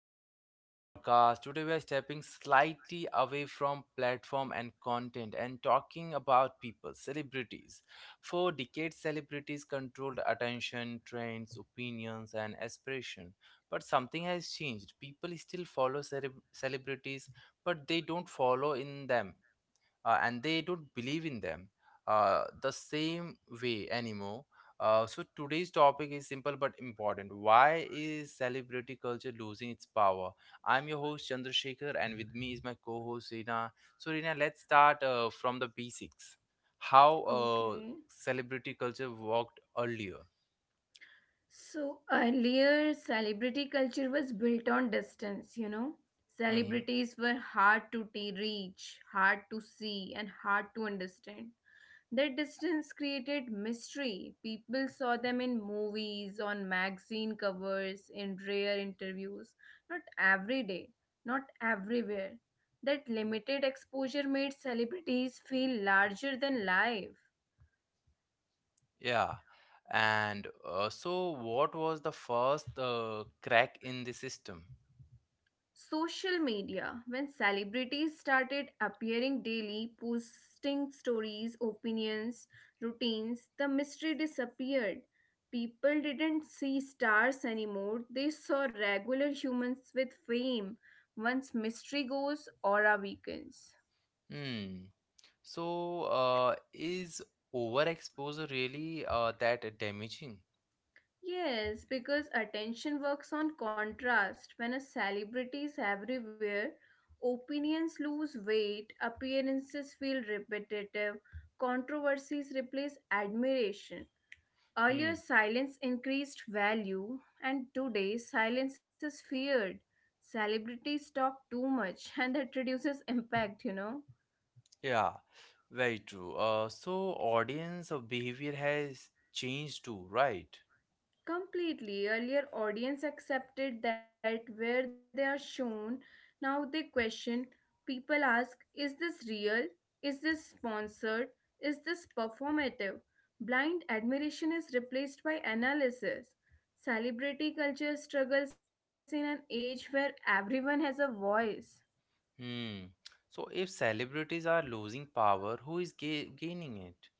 back to another podcast. Today we are stepping slightly away from platform and content and talking about people, celebrities. For decades, celebrities controlled attention, trends, opinions, and aspiration. But something has changed. People still follow celebrities, but they don't follow in them and they don't believe in them the same way anymore. So today's topic is simple but important. Why is celebrity culture losing its power? I'm your host Chandrasekhar, and with me is my co-host Rina. So Rina, let's start from the basics. How Okay. celebrity culture worked earlier. So earlier, celebrity culture was built on distance, you know. Mm-hmm. Celebrities were hard to reach, hard to see, and hard to understand. That distance created mystery. People saw them in movies, on magazine covers, in rare interviews. Not every day, not everywhere. That limited exposure made celebrities feel larger than life. Yeah. And so, what was the first crack in the system? Social media when celebrities started appearing daily posting stories opinions routines the mystery disappeared people didn't see stars anymore they saw regular humans with fame once mystery goes aura weakens. Hmm. So, is overexposure really that damaging? Yes, because attention works on contrast. When a celebrity is everywhere, opinions lose weight, appearances feel repetitive, controversies replace admiration. Hmm. Earlier, silence increased value, and today, silence is feared. Celebrities talk too much, and that reduces impact, you know. Yeah, very true. So audience of behavior has changed too, right? Completely. Earlier, audience accepted that where they are shown. Now they question. People ask, is this real? Is this sponsored? Is this performative? Blind admiration is replaced by analysis. Celebrity culture struggles in an age where everyone has a voice. Hmm. So if celebrities are losing power, who is ga gaining it?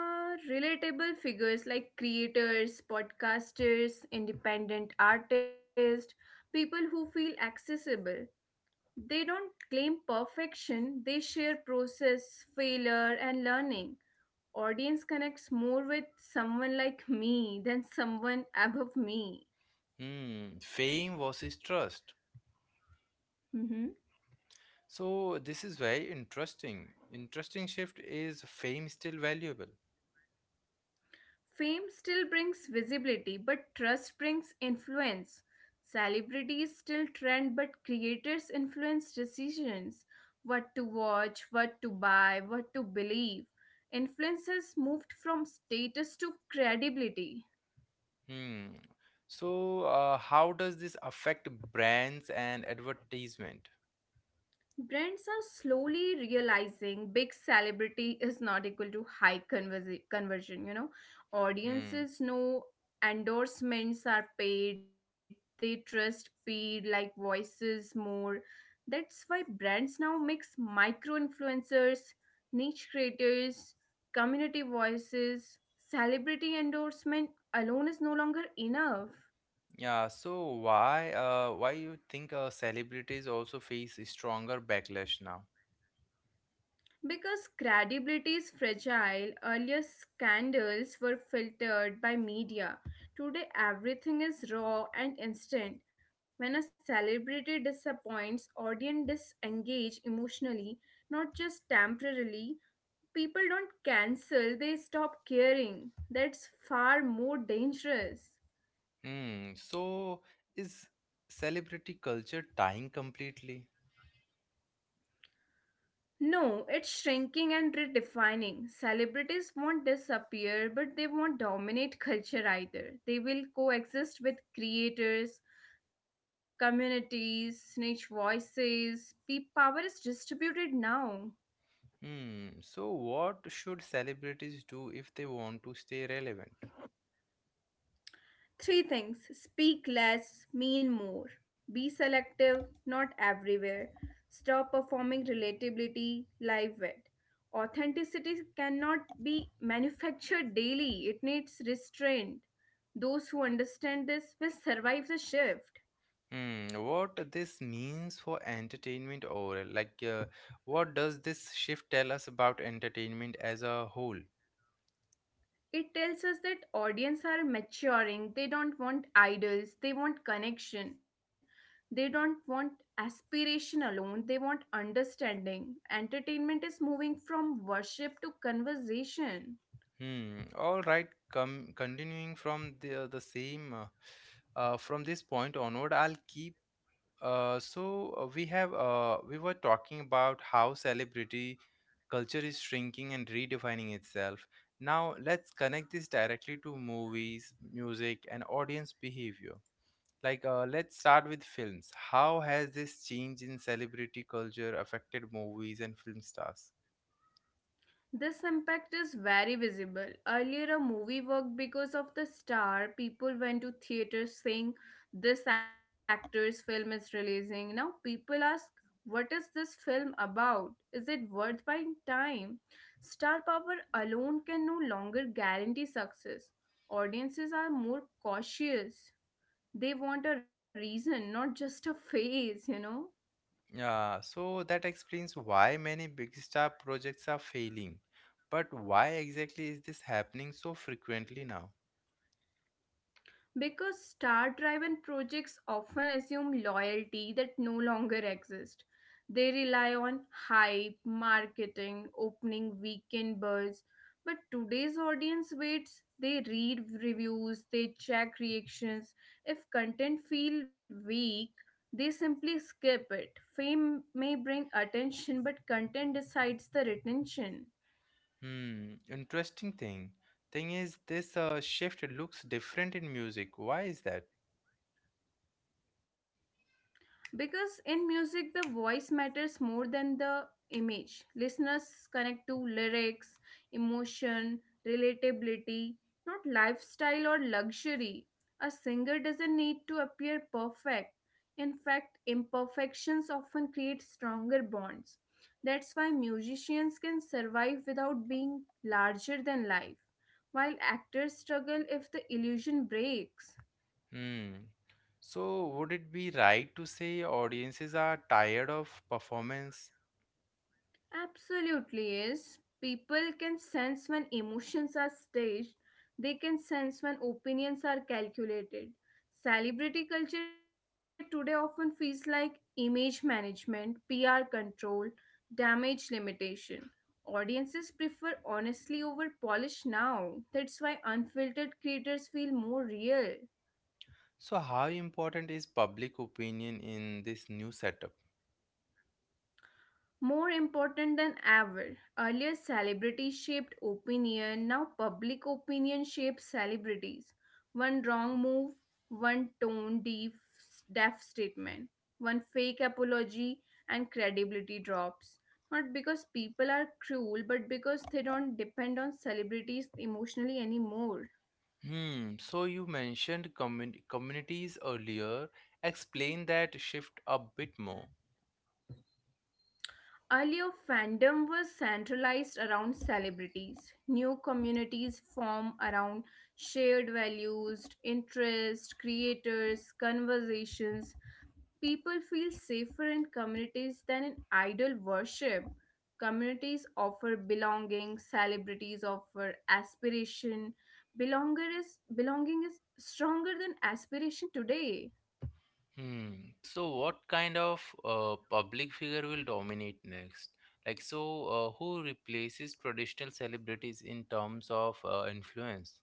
Relatable figures like creators, podcasters, independent artists, people who feel accessible. They don't claim perfection, they share process, failure, and learning. Audience connects more with someone like me than someone above me. Hmm. Fame versus trust. Mhm. So this is very interesting. Interesting shift is fame still valuable? Fame still brings visibility, but trust brings influence. Celebrities still trend, but creators influence decisions, what to watch, what to buy, what to believe. Influence has moved from status to credibility. Hmm. So, how does this affect brands and advertisement? Brands are slowly realizing big celebrity is not equal to high conversion, you know. Hmm. Audiences know endorsements are paid, they trust paid like voices more. That's why brands now mix micro influencers, niche creators, community voices, celebrity endorsement alone is no longer enough. Yeah. So why you think celebrities also face a stronger backlash now? Because credibility is fragile, earlier scandals were filtered by media. Today, everything is raw and instant. When a celebrity disappoints, audience disengage emotionally, not just temporarily. People don't cancel, they stop caring. That's far more dangerous. Hmm. So is celebrity culture dying completely? No, it's shrinking and redefining. Celebrities won't disappear, but they won't dominate culture either. They will coexist with creators, communities, niche voices. Power is distributed now. Hmm. So what should celebrities do if they want to stay relevant? Three things: speak less, mean more, be selective, not everywhere, stop performing relatability, live it. Authenticity cannot be manufactured daily, it needs restraint. Those who understand this will survive the shift. Hmm. What this means for entertainment overall? Like, what does this shift tell us about entertainment as a whole? It tells us that audience are maturing, they don't want idols, they want connection. They don't want aspiration alone, they want understanding. Entertainment is moving from worship to conversation. Hmm. All right. Come continuing from the same from this point onward, I'll keep. Uh, so we have we were talking about how celebrity culture is shrinking and redefining itself. Now let's connect this directly to movies, music, and audience behavior. Like let's start with films. How has this change in celebrity culture affected movies and film stars? This impact is very visible. Earlier, a movie worked because of the star. People went to theaters saying, this actor's film is releasing. Now, people ask, what is this film about? Is it worth buying time? Star power alone can no longer guarantee success. Audiences are more cautious. They want a reason, not just a face, you know? Yeah, so that explains why many big star projects are failing. But why exactly is this happening so frequently now? Because star driven projects often assume loyalty that no longer exists. They rely on hype, marketing, opening weekend buzz. But today's audience waits, they read reviews, they check reactions. If content feel weak, they simply skip it. Fame may bring attention, but content decides the retention. Hmm, interesting thing. Thing is, this shift looks different in music. Why is that? Because in music, the voice matters more than the image. Listeners connect to lyrics, emotion, relatability, not lifestyle or luxury. A singer doesn't need to appear perfect. In fact, imperfections often create stronger bonds. That's why musicians can survive without being larger than life, while actors struggle if the illusion breaks. Hmm. So, would it be right to say audiences are tired of performance? Absolutely is. People can sense when emotions are staged, they can sense when opinions are calculated. Celebrity culture today often feels like image management, PR control, damage limitation. Audiences prefer honestly over polish now. That's why unfiltered creators feel more real. So, how important is public opinion in this new setup? More important than ever, earlier celebrities shaped opinion, now public opinion shapes celebrities. One wrong move, one tone deaf, deaf statement, one fake apology, and credibility drops. Not because people are cruel, but because they don't depend on celebrities emotionally anymore. Hmm. So you mentioned communities earlier. Explain that shift a bit more. Earlier, fandom was centralized around celebrities. New communities form around shared values, interests, creators, conversations. People feel safer in communities than in idol worship. Communities offer belonging, celebrities offer aspiration. Belonger is, belonging is stronger than aspiration today. Hmm. So what kind of public figure will dominate next? Like so, who replaces traditional celebrities in terms of influence?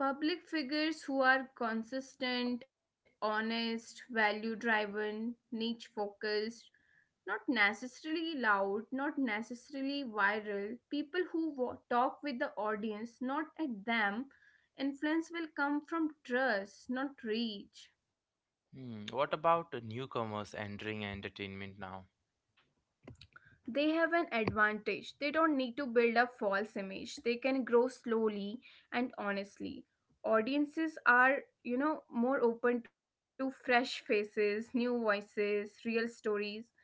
Public figures who are consistent, honest, value driven, niche focused, not necessarily loud, not necessarily viral, people who talk with the audience, not at them. Influence will come from trust, not reach. Hmm. What about newcomers entering entertainment now? They have an advantage. They don't need to build a false image. They can grow slowly and honestly. Audiences are, you know, more open to fresh faces, new voices, real stories.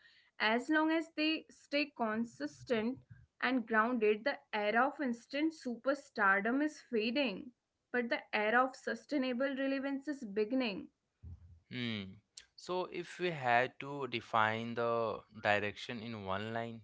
As long as they stay consistent and grounded, the era of instant superstardom is fading, but the era of sustainable relevance is beginning. Hmm. So if we had to define the direction in one line,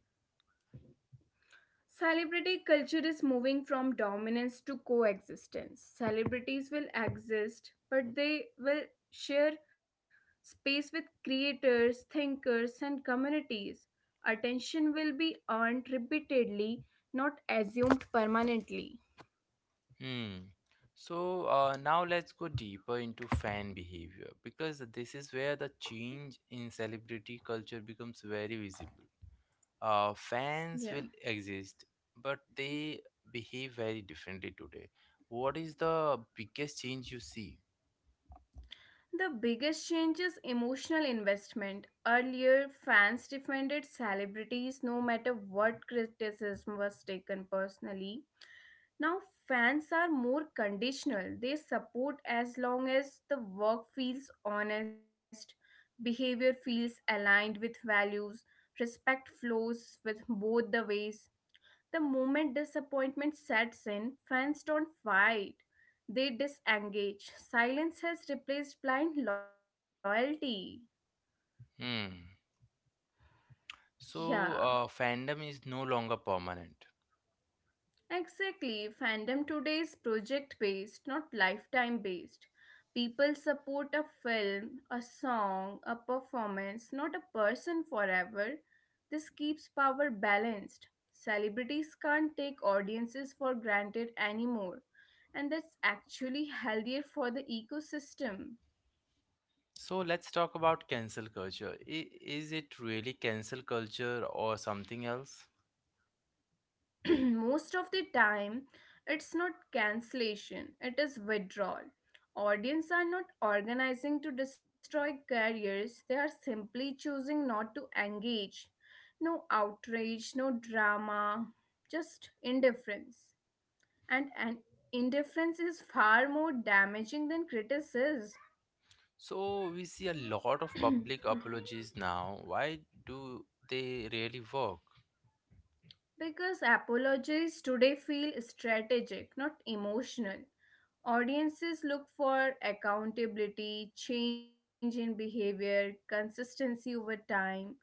Celebrity culture is moving from dominance to coexistence. Celebrities will exist, but they will share space with creators, thinkers, and communities. Attention will be earned repeatedly, not assumed permanently. hmm. So now let's go deeper into fan behavior because this is where the change in celebrity culture becomes very visible. Fans Yeah. will exist, but they behave very differently today. What is the biggest change you see? The biggest change is emotional investment. Earlier, fans defended celebrities no matter what, criticism was taken personally. Now, fans are more conditional. They support as long as the work feels honest, behavior feels aligned with values, respect flows with both the ways. The moment disappointment sets in, fans don't fight, they disengage. Silence has replaced blind loyalty. Hmm. Yeah. So fandom is no longer permanent. Exactly. Fandom today is project based, not lifetime based. People support a film, a song, a performance, not a person forever. This keeps power balanced. Celebrities can't take audiences for granted anymore, and that's actually healthier for the ecosystem. So let's talk about cancel culture. Is it really cancel culture or something else? Most of the time it's not cancellation, it is withdrawal. Audience are not organizing to destroy careers, they are simply choosing not to engage. No outrage, no drama, just indifference. And indifference is far more damaging than criticism. So we see a lot of public apologies now. Why do they really work? Because apologies today feel strategic, not emotional. Audiences look for accountability, change in behavior, consistency over time.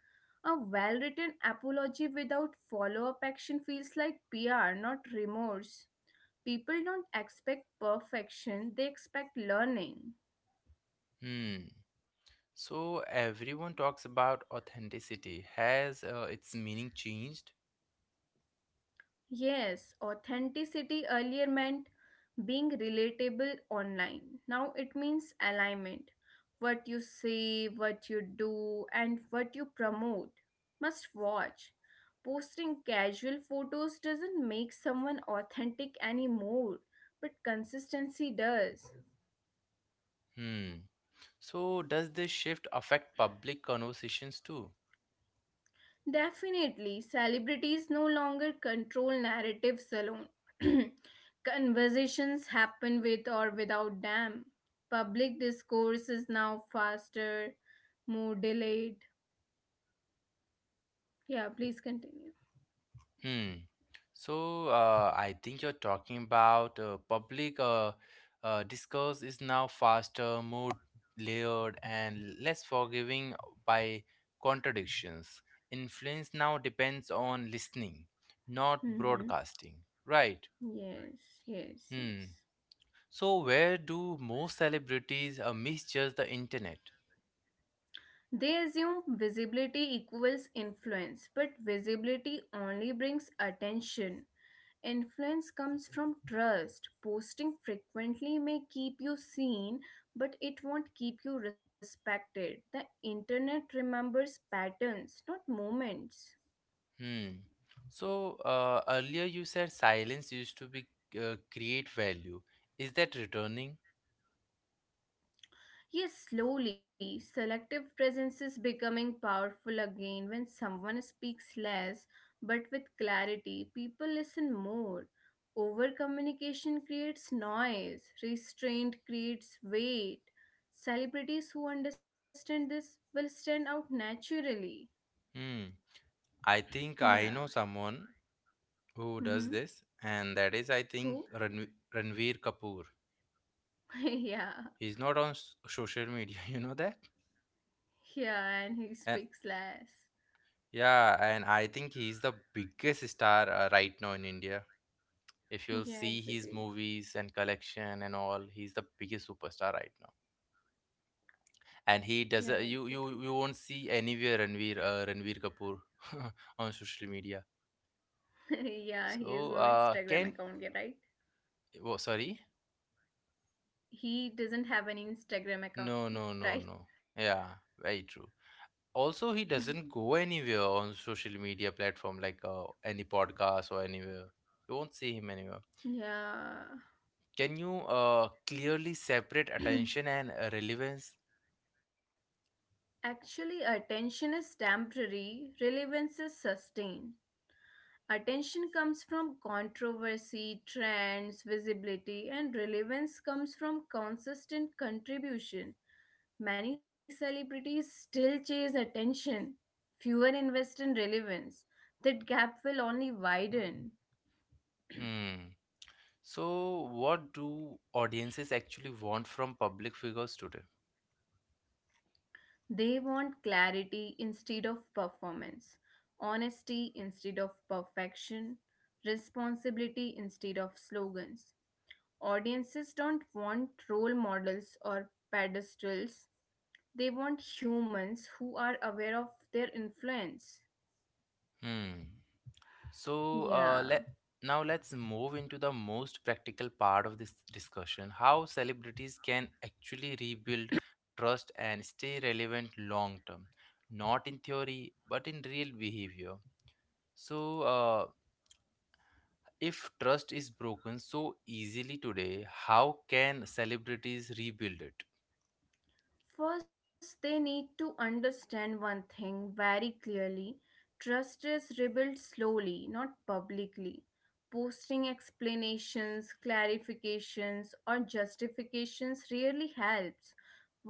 A well written apology without follow up action feels like PR, not remorse. People don't expect perfection, they expect learning. Hmm. So everyone talks about authenticity. Has its meaning changed? Yes, authenticity earlier meant being relatable online. Now it means alignment. What you say, what you do, and what you promote. Must watch. Posting casual photos doesn't make someone authentic anymore, but consistency does. Hmm. So does this shift affect public conversations too? Definitely, celebrities no longer control narratives alone. Conversations happen with or without them. Public discourse is now faster, more delayed, yeah, please continue. Hmm. So I think you're talking about public discourse is now faster, more layered, and less forgiving by contradictions. Influence now depends on listening, not Hmm. broadcasting. Right. Yes, yes, Hmm. yes. So where do most celebrities misjudge the internet? They assume visibility equals influence, but visibility only brings attention. Influence comes from trust. Posting frequently may keep you seen, but it won't keep you respected. The internet remembers patterns, not moments. Hmm. So earlier you said silence used to be create value. Is that returning? Yes, slowly, selective presence is becoming powerful again when someone speaks less but with clarity. People listen more. Over communication creates noise, restraint creates weight. Celebrities who understand this will stand out naturally. Hmm. I think I Yeah. know someone who does Mm-hmm. this, and that is, I think, Who? Ranveer Kapoor. Yeah. He's not on social media, you know that? Yeah, and he speaks And less. yeah, and I think he's the biggest star right now in India. If you'll Yeah, see his exactly. movies and collection and all, he's the biggest superstar right now. And Yeah, he does uh, exactly. you you you won't see anywhere Ranveer Kapoor on social media. Yeah, he has So no Instagram can account yet, right? oh sorry, He doesn't have an Instagram no account, no no no, right? yeah, very true. Also he doesn't go anywhere on social media platform like any podcast or anywhere, you won't see him anywhere. Yeah. Can you clearly separate attention and relevance? Actually, attention is temporary, relevance is sustained. Attention comes from controversy, trends, visibility, and relevance comes from consistent contribution. Many celebrities still chase attention, fewer invest in relevance. That gap will only widen. Hmm. So what do audiences actually want from public figures today? They want clarity instead of performance, honesty instead of perfection, responsibility instead of slogans. Audiences don't want role models or pedestals, they want humans who are aware of their influence. Hmm. So Yeah. let now let's move into the most practical part of this discussion: how celebrities can actually rebuild trust and stay relevant long term, not in theory but in real behavior. So, if trust is broken so easily today, how can celebrities rebuild it? First, they need to understand one thing very clearly, trust is rebuilt slowly, not publicly. Posting explanations, clarifications, or justifications rarely helps.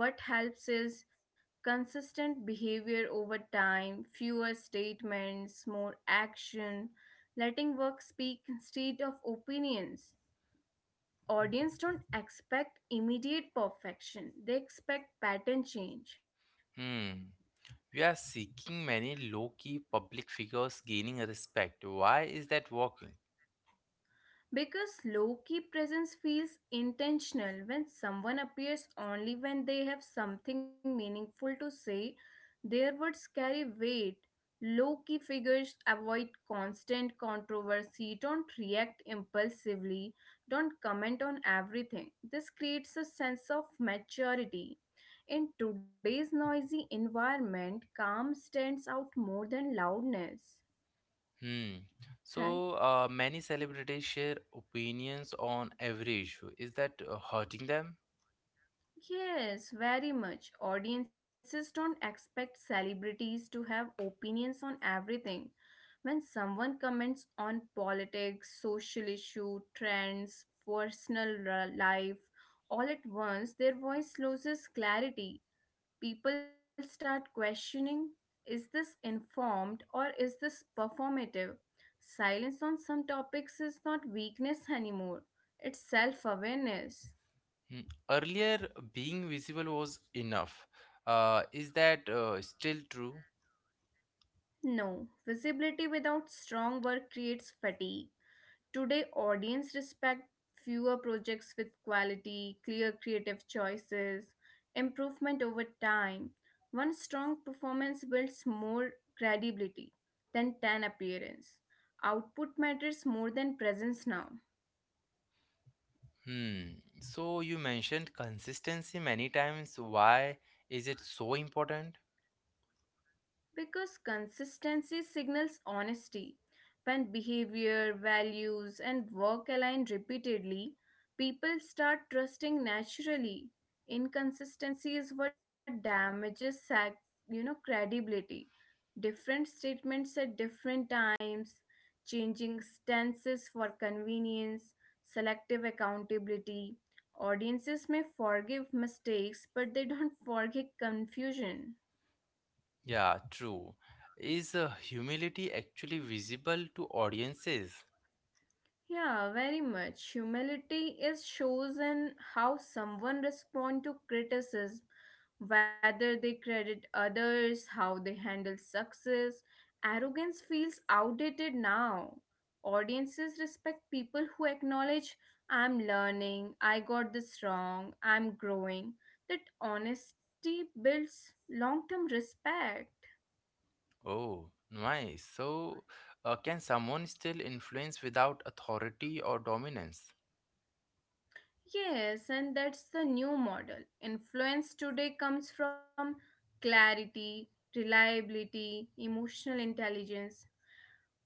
What helps is consistent behavior over time, fewer statements, more action, letting work speak instead of opinions. Audience don't expect immediate perfection, they expect pattern change. Hmm. We are seeking many low key public figures gaining respect. Why is that working? Because low key presence feels intentional when someone appears only when they have something meaningful to say, their words carry weight. Low key figures avoid constant controversy, don't react impulsively, don't comment on everything. This creates a sense of maturity. In today's noisy environment, calm stands out more than loudness, Hmm. So right? Many celebrities share opinions on every issue. Is that hurting them? Yes, very much. Audiences don't expect celebrities to have opinions on everything. When someone comments on politics, social issue, trends, personal life, all at once their voice loses clarity. People start questioning, is this informed or is this performative? Silence on some topics is not weakness anymore, it's self awareness. Hmm. Earlier, being visible was enough. Is that still true? No, visibility without strong work creates fatigue. Today, audience respect fewer projects with quality, clear creative choices, improvement over time. One strong performance builds more credibility than 10 appearance. Output matters more than presence now. Hmm. So you mentioned consistency many times. Why is it so important? Because consistency signals honesty. When behavior, values, and work align repeatedly, people start trusting naturally. Inconsistency is what damages credibility. Different statements at different times, changing stances for convenience, selective accountability. Audiences may forgive mistakes, but they don't forgive confusion. Yeah, true. Is humility actually visible to audiences? Yeah, very much. Humility is shows in how someone respond to criticism, whether they credit others, how they handle success. Arrogance feels outdated now. Audiences respect people who acknowledge, I'm learning, I got this wrong, I'm growing. That honesty builds long-term respect. Oh, nice. So, can someone still influence without authority or dominance? Yes, and that's the new model. Influence today comes from clarity, reliability, emotional intelligence.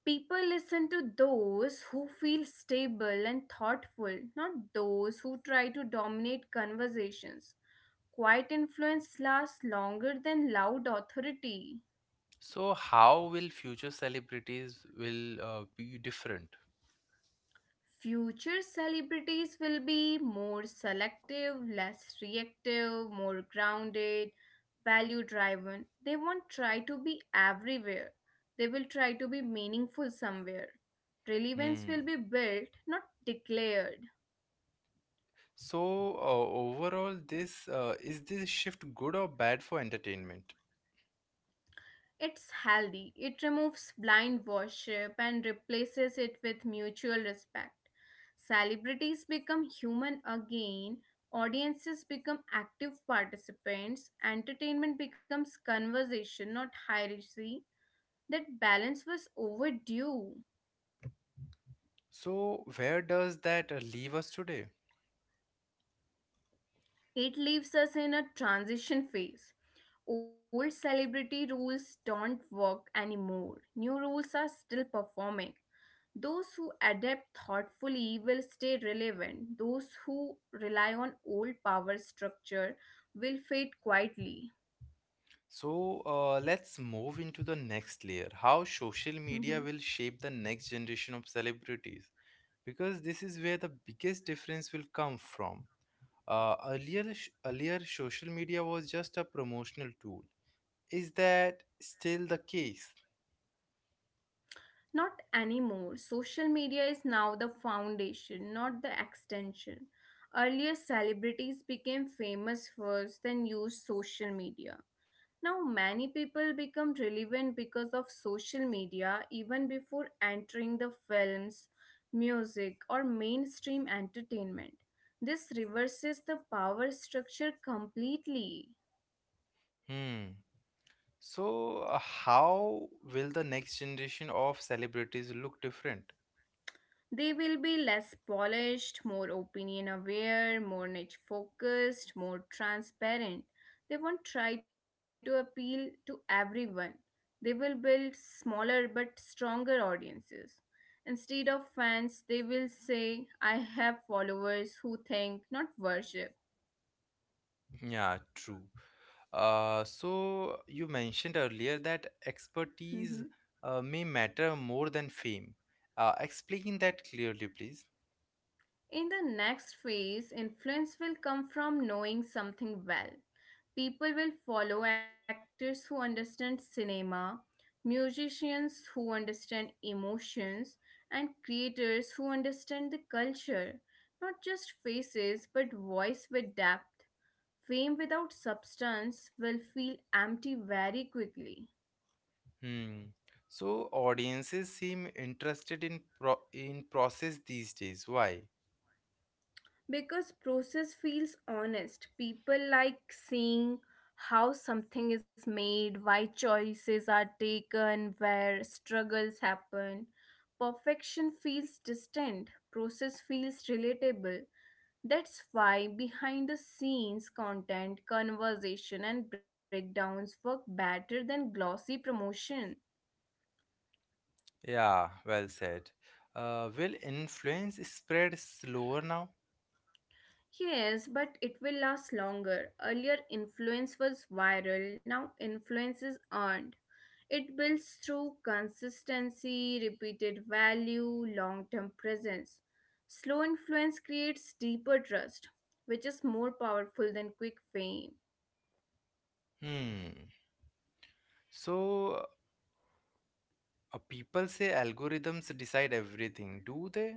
People listen to those who feel stable and thoughtful, not those who try to dominate conversations. Quiet influence lasts longer than loud authority. So, how will future celebrities will be different? Future celebrities will be more selective, less reactive, more grounded, value driven. They won't try to be everywhere. They will try to be meaningful somewhere. Relevance Hmm. will be built, not declared. So, overall, this is this shift good or bad for entertainment? It's healthy. It removes blind worship and replaces it with mutual respect. Celebrities become human again, audiences become active participants, entertainment becomes conversation, not hierarchy. That balance was overdue. So, where does that leave us today? It leaves us in a transition phase. Old celebrity rules don't work anymore. New rules are still performing. Those who adapt thoughtfully will stay relevant. Those who rely on old power structure will fade quietly. So, let's move into the next layer. How social media Mhm. will shape the next generation of celebrities? Because this is where the biggest difference will come from. Earlier, social media was just a promotional tool. Is that still the case? Not anymore. Social media is now the foundation, not the extension. Earlier, celebrities became famous first, then used social media. Now, many people become relevant because of social media even before entering the films, music, or mainstream entertainment. This reverses the power structure completely. Hmm. So, how will the next generation of celebrities look different? They will be less polished, more opinion aware, more niche focused, more transparent. They won't try to appeal to everyone. They will build smaller but stronger audiences. Instead of fans, they will say, I have followers who think, not worship. Yeah, true. You mentioned earlier that Hmm. expertise may matter more than fame. Explain that clearly, please. In the next phase, influence will come from knowing something well. People will follow actors who understand cinema, musicians who understand emotions, and creators who understand the culture. Not just faces, but voice with depth. Fame without substance will feel empty very quickly. Hmm. So, audiences seem interested in in process these days. Why? Because process feels honest. People like seeing how something is made, why choices are taken, where struggles happen. Perfection feels distant. Process feels relatable. That's why behind the scenes content, conversation, and breakdowns work better than glossy promotion. Yeah, well said. Will influence spread slower now? Yes, but it will last longer. Earlier, influence was viral, now, influence is earned. It builds through consistency, repeated value, long term presence. Slow influence creates deeper trust, which is more powerful than quick fame. Hmm. So, people say algorithms decide everything, do they?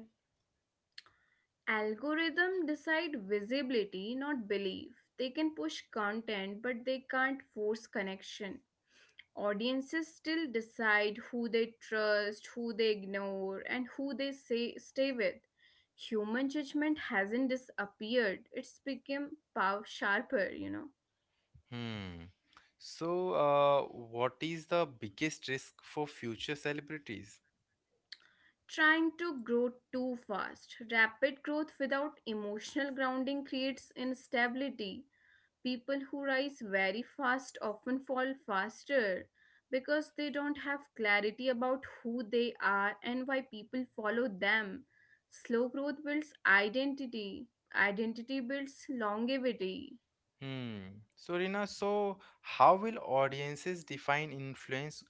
Algorithm decide visibility, not belief. They can push content, but they can't force connection. Audiences still decide who they trust, who they ignore, and who they say stay with. Human judgment hasn't disappeared, it's become power sharper. Hmm. So, what is the biggest risk for future celebrities? Trying to grow too fast. Rapid growth without emotional grounding creates instability. People who rise very fast often fall faster because they don't have clarity about who they are and why people follow them. Slow growth builds identity, identity builds longevity. Hmm. So, Rina, so how will audiences define influence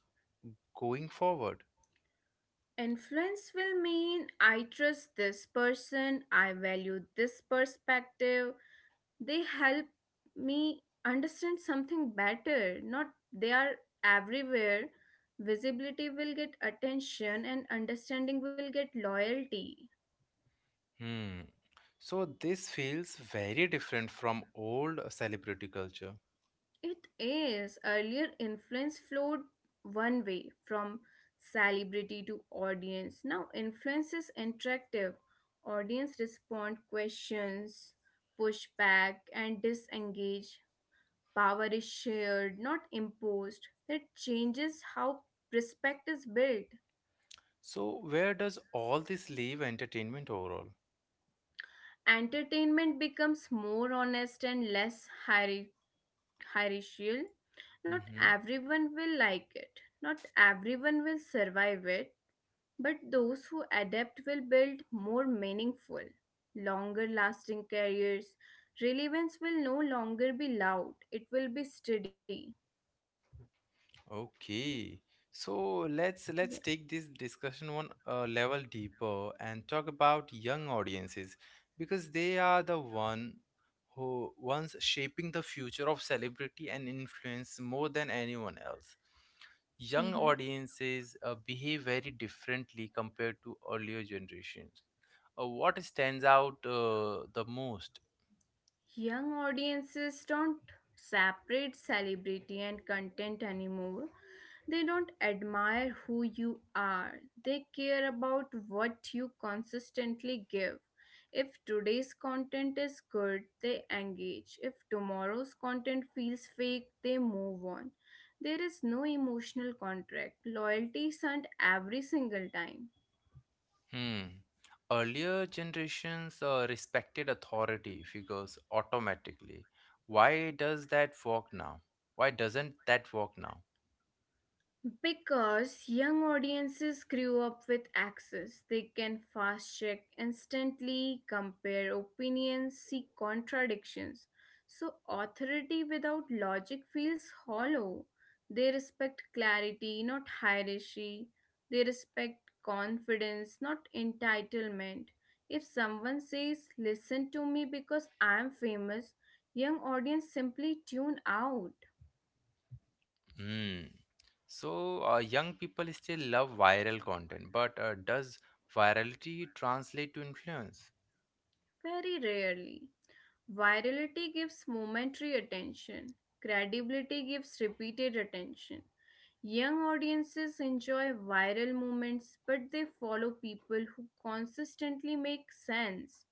going forward? Influence will mean I trust this person, I value this perspective, they help me understand something better, not they are everywhere. Visibility will get attention and understanding will get loyalty. Hmm. So, this feels very different from old celebrity culture. It is, earlier influence flowed one way from celebrity to audience. Now influence is interactive, audience respond questions, push back and disengage. Power is shared, not imposed. That changes how respect is built. So, where does all this leave entertainment overall? Entertainment becomes more honest and less hieri- hierarchical. Not Mm-hmm. everyone will like it, not everyone will survive it, but those who adapt will build more meaningful, longer lasting careers. Relevance will no longer be loud, it will be steady. Okay. So let's Yeah. let's take this discussion one level deeper and talk about young audiences because they are the one who ones shaping the future of celebrity and influence more than anyone else. Mhm. Young audiences behave very differently compared to earlier generations. What stands out the most? Young audiences don't separate celebrity and content anymore. They don't admire who you are, they care about what you consistently give. If today's content is good, they engage. If tomorrow's content feels fake, they move on. There is no emotional contract. Loyalty isn't every single time. Hmm. Earlier generations respected authority figures automatically. Why does that work now? Why doesn't that work now? Because young audiences grew up with access, they can fast check instantly, compare opinions, see contradictions. So, authority without logic feels hollow. They respect clarity, not hierarchy. They respect confidence, not entitlement. If someone says, Listen to me because I'm famous, young audience simply tune out. Hmm. So, young people still love viral content, but does virality translate to influence? Very rarely. Virality gives momentary attention, credibility gives repeated attention. Young audiences enjoy viral moments, but they follow people who consistently make sense.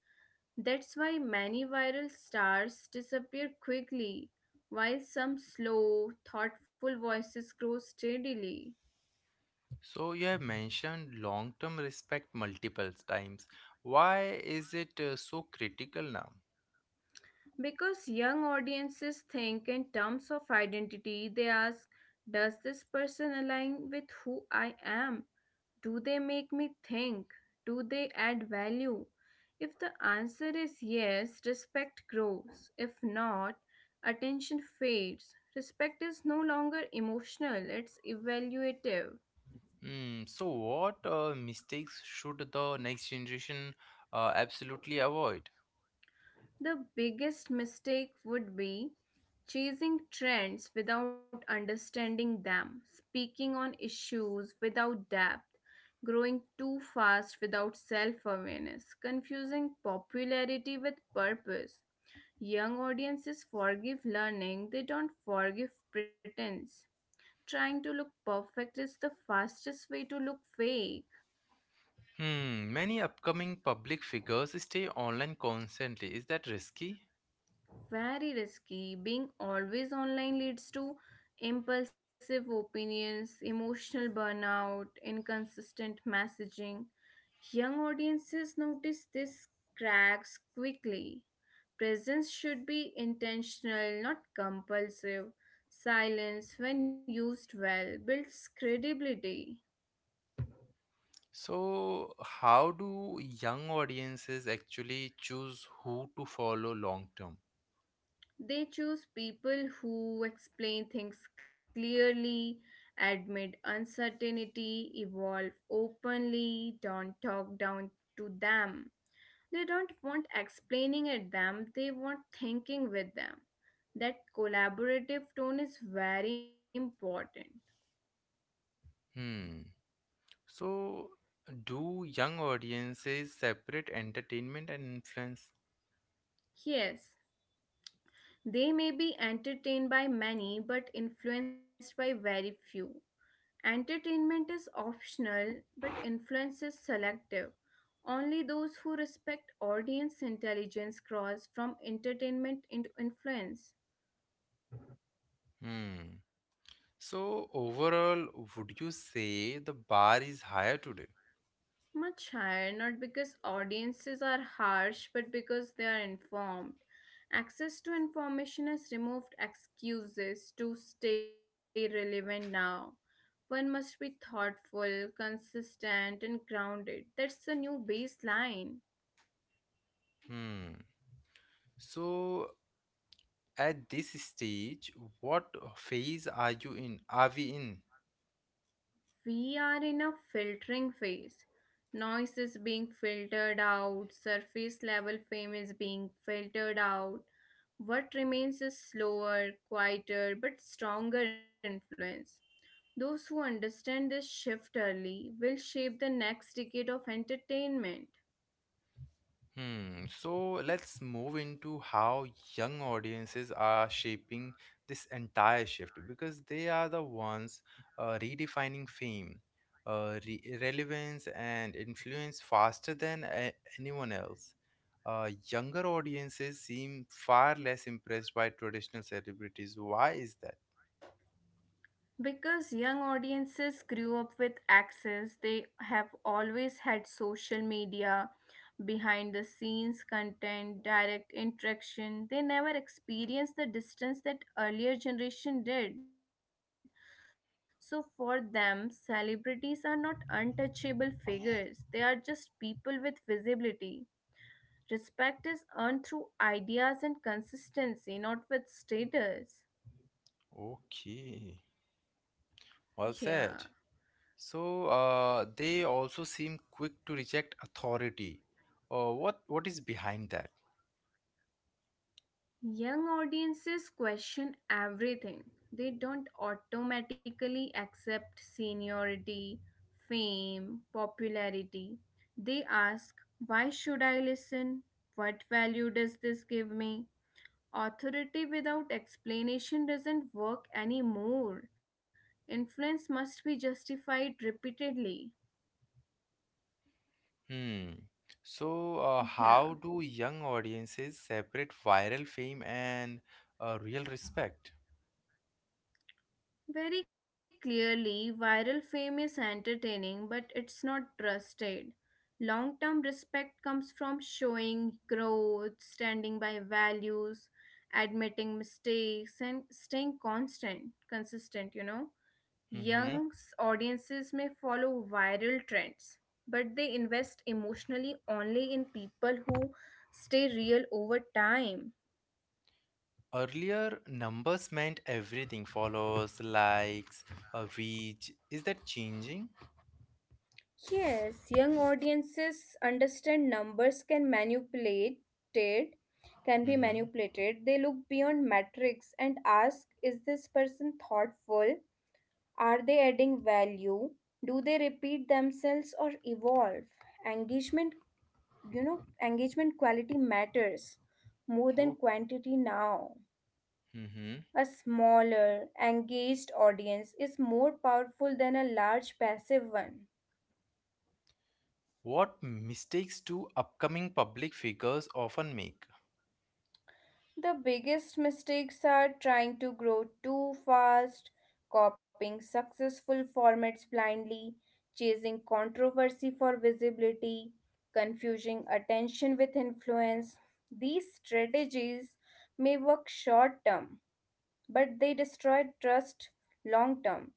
That's why many viral stars disappear quickly, while some slow, thoughtful voices grow steadily. So, you have mentioned long term respect multiple times. Why is it so critical now? Because young audiences think in terms of identity, they ask, Does this person align with who I am? Do they make me think? Do they add value? If the answer is yes, respect grows. If not, attention fades. Respect is no longer emotional, it's evaluative. Mm, so, what mistakes should the next generation absolutely avoid? The biggest mistake would be chasing trends without understanding them, speaking on issues without depth, growing too fast without self awareness, confusing popularity with purpose. Young audiences forgive learning, they don't forgive pretense. Trying to look perfect is the fastest way to look fake. Hmm, many upcoming public figures stay online constantly. Is that risky? Very risky. Being always online leads to impulsive opinions, emotional burnout, inconsistent messaging. Young audiences notice these cracks quickly. Presence should be intentional, not compulsive. Silence, when used well, builds credibility. So, how do young audiences actually choose who to follow long term? They choose people who explain things clearly, admit uncertainty, evolve openly, don't talk down to them. They don't want explaining at them, they want thinking with them. That collaborative tone is very important. Hmm. So, do young audiences separate entertainment and influence? Yes, they may be entertained by many but influenced by very few. Entertainment is optional but influence is selective. Only those who respect audience intelligence cross from entertainment into influence. Hmm. So, overall, would you say the bar is higher today? Much higher, not because audiences are harsh but because they are informed. Access to information has removed excuses to stay relevant now. One must be thoughtful, consistent, and grounded. That's the new baseline. Hmm. So at this stage, what phase are you in? Are we in? We are in a filtering phase. Noise is being filtered out, surface level fame is being filtered out. What remains is slower, quieter, but stronger influence. Those who understand this shift early will shape the next decade of entertainment. Hmm. So let's move into how young audiences are shaping this entire shift because they are the ones redefining fame, relevance, and influence faster than anyone else. Younger audiences seem far less impressed by traditional celebrities. Why is that? Because young audiences grew up with access, they have always had social media, behind the scenes content, direct interaction. They never experienced the distance that earlier generation did. So for them, celebrities are not untouchable figures. They are just people with visibility. Respect is earned through ideas and consistency, not with status. Okay, well Yeah. said. So they also seem quick to reject authority. What is behind that? Young audiences question everything. They don't automatically accept seniority, fame, popularity. They ask, why should I listen? What value does this give me? Authority without explanation doesn't work anymore. Influence must be justified repeatedly. Hmm. So how Yeah. do young audiences separate viral fame and real respect? Very clearly, viral fame is entertaining, but it's not trusted. Long term respect comes from showing growth, standing by values, admitting mistakes, and staying constant, consistent, you know. Hmm. Young audiences may follow viral trends, but they invest emotionally only in people who stay real over time. Earlier, numbers meant everything: followers, likes, reach. Is that changing? Yes, young audiences understand numbers can manipulate it, can be Hmm. manipulated. They look beyond metrics and ask, is this person thoughtful? Are they adding value? Do they repeat themselves or evolve? Engagement, engagement quality matters more than Oh. quantity now. Hmm. A smaller, engaged audience is more powerful than a large passive one. What mistakes do upcoming public figures often make? The biggest mistakes are trying to grow too fast, copying successful formats blindly, chasing controversy for visibility, confusing attention with influence. These strategies may work short term, but they destroy trust long term.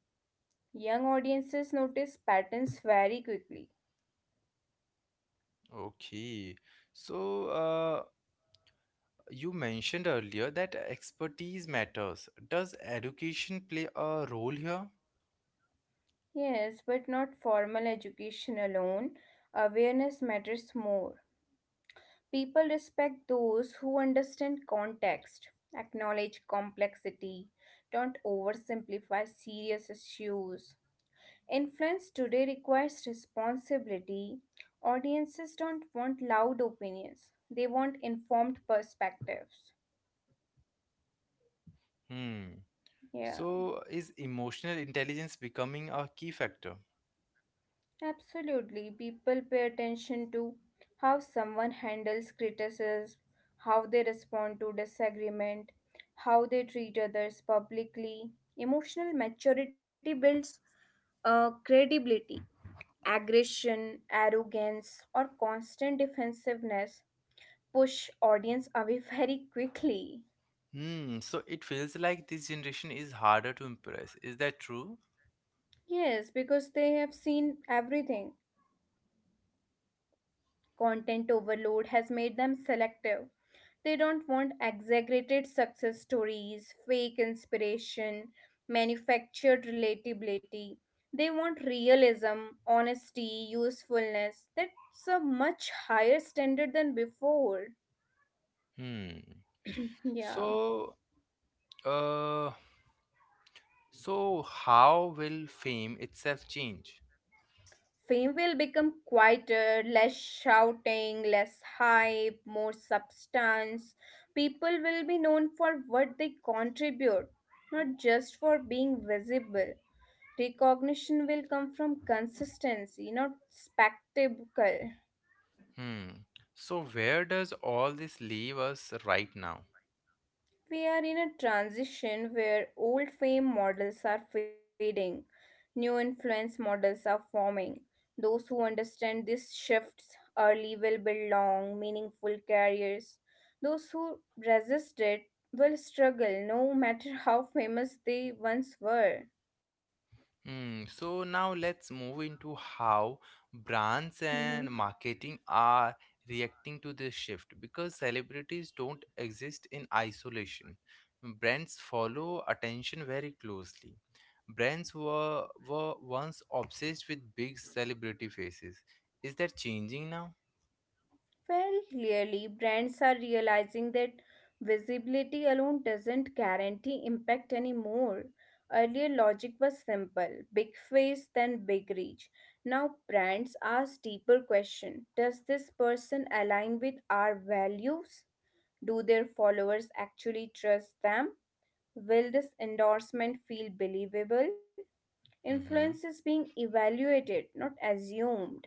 Young audiences notice patterns very quickly. Okay. So, uh, you mentioned earlier that expertise matters. Does education play a role here? Yes, but not formal education alone. Awareness matters more. People respect those who understand context, acknowledge complexity, don't oversimplify serious issues. Influence today requires responsibility. Audiences don't want loud opinions, they want informed perspectives. Hmm. Yeah. So, is emotional intelligence becoming a key factor? Absolutely. People pay attention to how someone handles criticism, how they respond to disagreement, how they treat others publicly. Emotional maturity builds credibility. Aggression, arrogance, or constant defensiveness push audience away very quickly. Hmm. So, it feels like this generation is harder to impress. Is that true? Yes, because they have seen everything. Content overload has made them selective. They don't want exaggerated success stories, fake inspiration, manufactured relatability. They want realism, honesty, usefulness. That's a much higher standard than before. Hmm. Yeah. So, uh, how will fame itself change? Fame will become quieter, less shouting, less hype, more substance. People will be known for what they contribute, not just for being visible. Recognition will come from consistency, not spectacle. Hmm. So, where does all this leave us right now? We are in a transition where old fame models are fading, new influence models are forming. Those who understand these shifts early will build long, meaningful careers. Those who resist it will struggle no matter how famous they once were. Hmm, so now let's move into how brands Mm-hmm. and marketing are reacting to this shift because celebrities don't exist in isolation. Brands follow attention very closely. Were once obsessed with big celebrity faces. Is that changing now? Very clearly, brands are realizing that visibility alone doesn't guarantee impact anymore. Earlier, logic was simple big face, then big reach. Now, brands ask deeper question. Does this person align with our values? Do their followers actually trust them? Will this endorsement feel believable? Influence is Hmm. being evaluated, not assumed.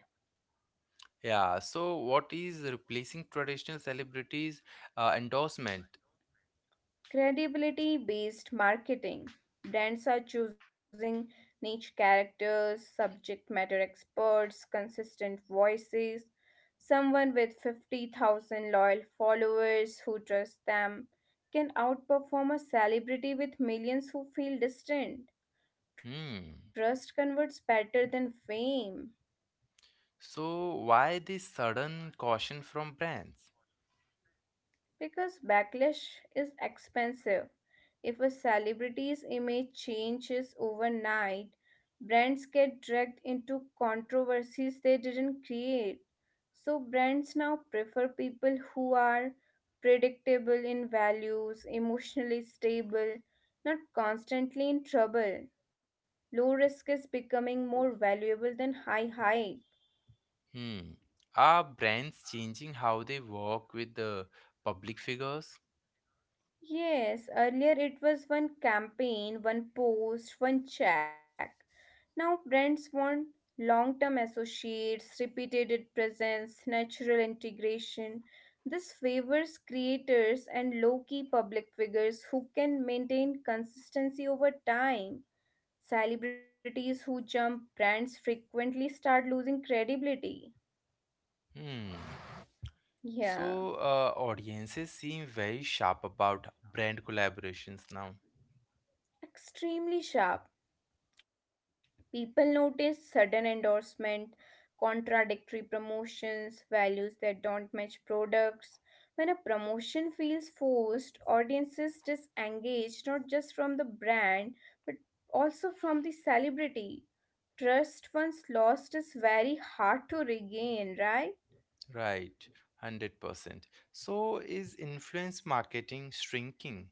Yeah, so what is replacing traditional celebrities' endorsement? Credibility based marketing. Brands are choosing niche characters, subject matter experts, consistent voices, someone with 50,000 loyal followers who trust them can outperform a celebrity with millions who feel distant. Hmm. Trust converts better than fame. So, why this sudden caution from brands? Because backlash is expensive. If a celebrity's image changes overnight, brands get dragged into controversies they didn't create. So, brands now prefer people who are predictable in values, emotionally stable, not constantly in trouble. Low risk is becoming more valuable than high hype. Hmm. Are brands changing how they work with the public figures? Yes, earlier it was one campaign, one post, one check. Now, brands want long term associates, repeated presence, natural integration. This favors creators and low key public figures who can maintain consistency over time. Celebrities who jump brands frequently start losing credibility. Hmm. Yeah, So, audiences seem very sharp about brand collaborations now. extremely sharp. People notice sudden endorsement, contradictory promotions, values that don't match products. When a promotion feels forced, audiences disengage not just from the brand but also from the celebrity. Trust once lost is very hard to regain, right? Right, 100%. So, is influence marketing shrinking?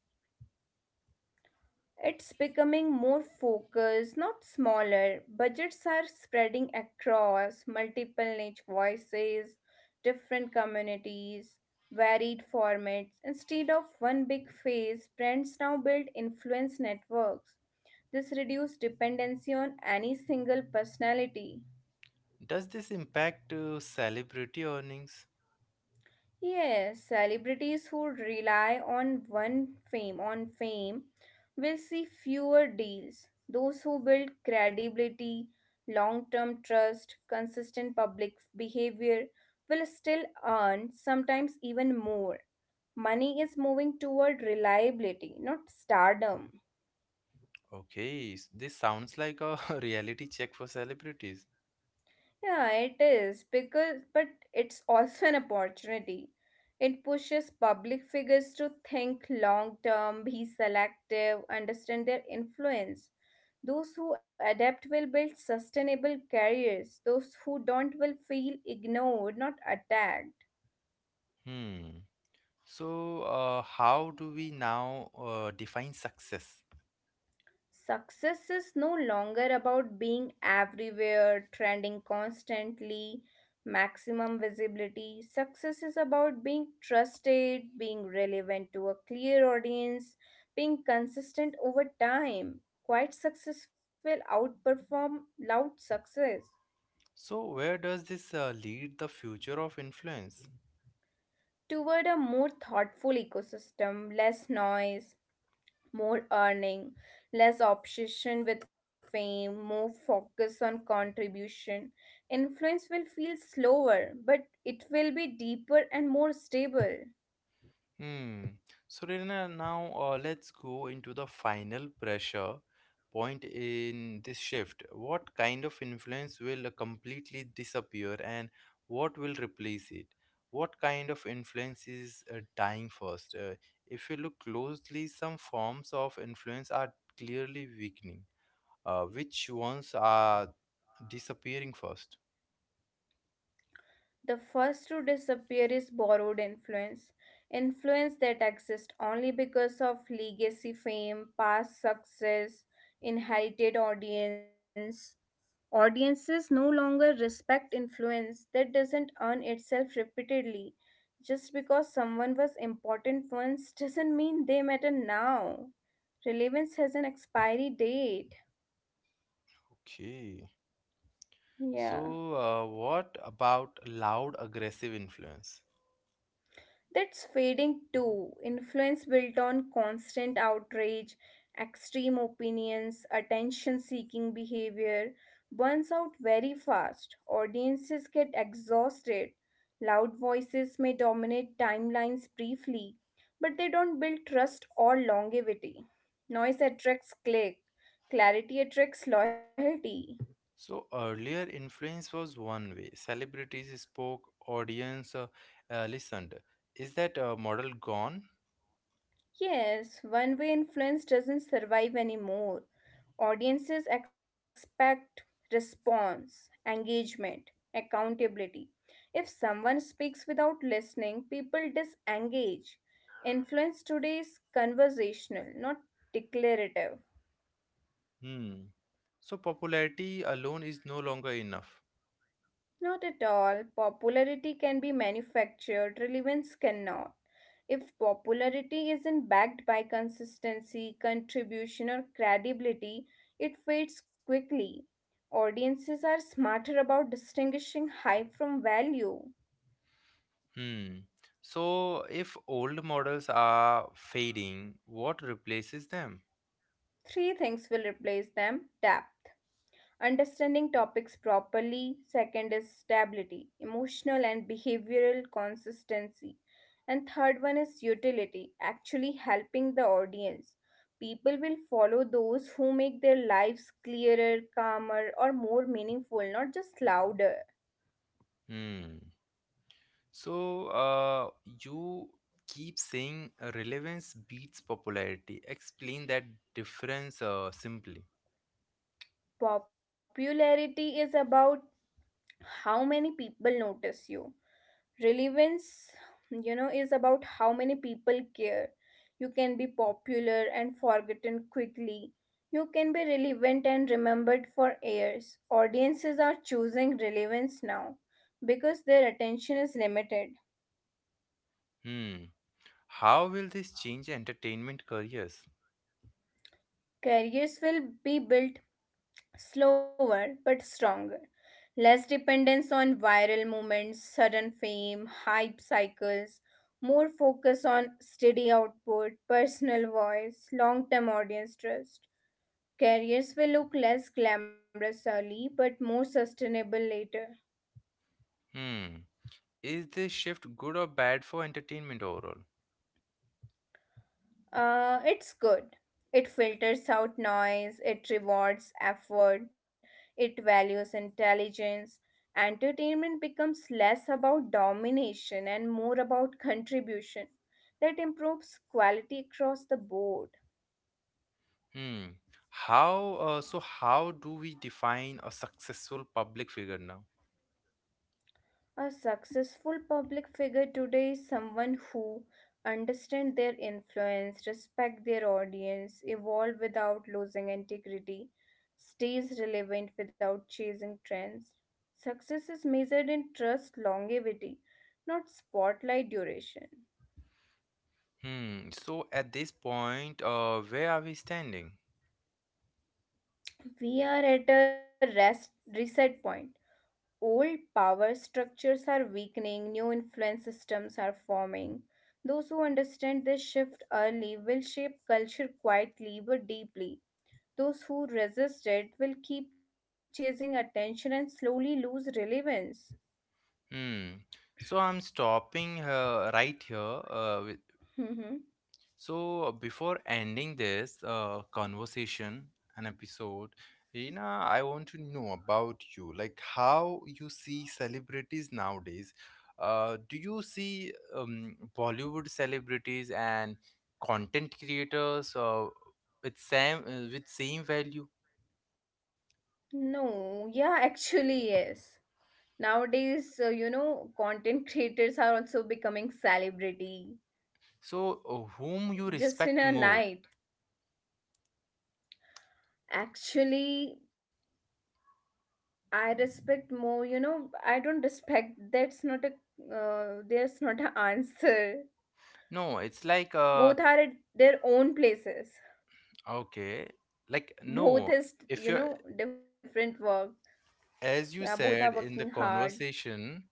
It's becoming more focused, not smaller. Budgets are spreading across multiple niche voices, different communities, varied formats. Instead of one big face, brands now build influence networks. This reduces dependency on any single personality. Does this impact celebrity earnings? Yes, celebrities who rely on one fame on fame will see fewer deals. Those who build credibility, long-term trust, consistent public behavior will still earn sometimes even more. Money is moving toward reliability, not stardom. Okay, this sounds like a reality check for celebrities. Yeah, it is because, but it's also an opportunity. It pushes public figures to think long term, be selective, understand their influence. Those who adapt will build sustainable careers. Those who don't will feel ignored, not attacked. Hmm. So, how do we now define success? Success is no longer about being everywhere, trending constantly, maximum visibility. Success is about being trusted, being relevant to a clear audience, being consistent over time. Quiet success will outperform loud success So, where does this lead the future of influence? toward a more thoughtful ecosystem, less noise, more earning, less obsession with fame, more focus on contribution. Influence will feel slower, but it will be deeper and more stable. Hmm. So, Reena, now let's go into the final pressure point in this shift. What kind of influence will completely disappear and what will replace it? What kind of influence is dying first? If you look closely, some forms of influence are clearly weakening, which ones are disappearing first? The first to disappear is borrowed influence. Influence that exists only because of legacy fame, past success, inherited audience. Audiences no longer respect influence that doesn't earn itself repeatedly. Just because someone was important once doesn't mean they matter now. Relevance has an expiry date. Okay. Yeah. So, what about loud aggressive influence? That's fading too. Influence built on constant outrage, extreme opinions, attention seeking behavior burns out very fast. Audiences get exhausted. Loud voices may dominate timelines briefly, but they don't build trust or longevity. Noise attracts click, clarity attracts loyalty. So, earlier influence was one way. Celebrities spoke, audience listened. Is that model gone? Yes, one way influence doesn't survive anymore. Audiences expect response, engagement, accountability. If someone speaks without listening, people disengage. Influence today is conversational, not declarative. Hmm. So, popularity alone is no longer enough. Not at all. Popularity can be manufactured, relevance cannot. If popularity isn't backed by consistency, contribution, or credibility, it fades quickly. Audiences are smarter about distinguishing hype from value. Hmm. So, if old models are fading, what replaces them? Three things will replace them: depth, understanding topics properly. Second is stability, emotional and behavioral consistency. And third one is utility, actually helping the audience. People will follow those who make their lives clearer, calmer, or more meaningful, not just louder. Hmm. So, you keep saying relevance beats popularity. Explain that difference simply. Popularity is about how many people notice you. Relevance, is about how many people care. You can be popular and forgotten quickly. You can be relevant and remembered for years. Audiences are choosing relevance now because their attention is limited. Hmm. How will this change entertainment careers? Careers will be built slower but stronger. Less dependence on viral movements, sudden fame, hype cycles, more focus on steady output, personal voice, long term audience trust. Careers will look less glamorous early but more sustainable later. Hmm. Is this shift good or bad for entertainment overall? It's good. It filters out noise, it rewards effort, it values intelligence. Entertainment becomes less about domination and more about contribution that improves quality across the board. Hmm. So how do we define a successful public figure now? A successful public figure today is someone who understands their influence, respect their audience, evolve without losing integrity, stays relevant without chasing trends. Success is measured in trust longevity, not spotlight duration. Hmm. So at this point, where are we standing? We are at a rest reset point. Old power structures are weakening, new influence systems are forming. Those who understand this shift early will shape culture quietly but deeply. Those who resist it will keep chasing attention and slowly lose relevance. Hmm. So I'm stopping right here with. Mm-hmm. So, before ending this conversation and episode, Reena, I want to know about you, like how you see celebrities nowadays. Do you see Bollywood celebrities and content creators with same value? No, yeah, actually, yes. Nowadays, content creators are also becoming celebrity So, whom you just in respect a more? night. Actually, I respect more, I don't respect, that's not a there's not an answer. No, it's like Both are at their own places. okay, like no. Both is, If you're different work. Yeah, as you both are said working in the hard. conversation,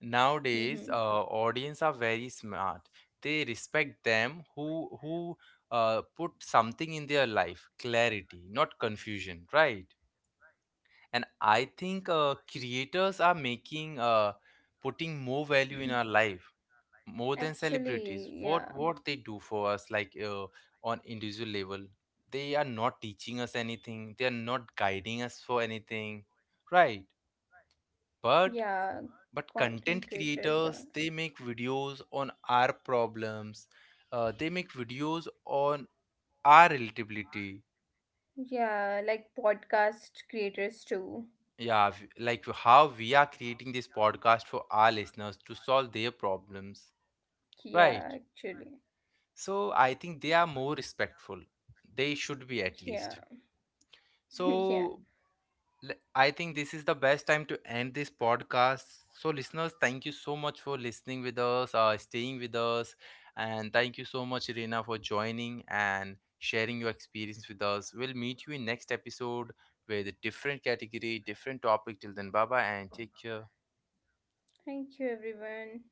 nowadays Mhm. Audience are very smart. They respect them who put something in their life, clarity, not confusion, right? And I think creators are making putting more value in our life more than celebrities. Actually, What yeah. what they do for us, like on individual level, they are not teaching us anything. They are not guiding us for anything, right? But Yeah, but content content creators are. creators, they make videos on our problems, they make videos on our relatability. Yeah, like podcast creators too. Yeah, like how we are creating this podcast for our listeners to solve their problems, Yeah, right? actually. So I think they are more respectful, they should be at Yeah. least. Yeah. So I think this is the best time to end this podcast. So, listeners, thank you so much for listening with us, staying with us, and thank you so much, Irina, for joining and sharing your experience with us. We'll meet you in next episode with a different category, different topic. Till then, bye bye, and take care. Thank you everyone.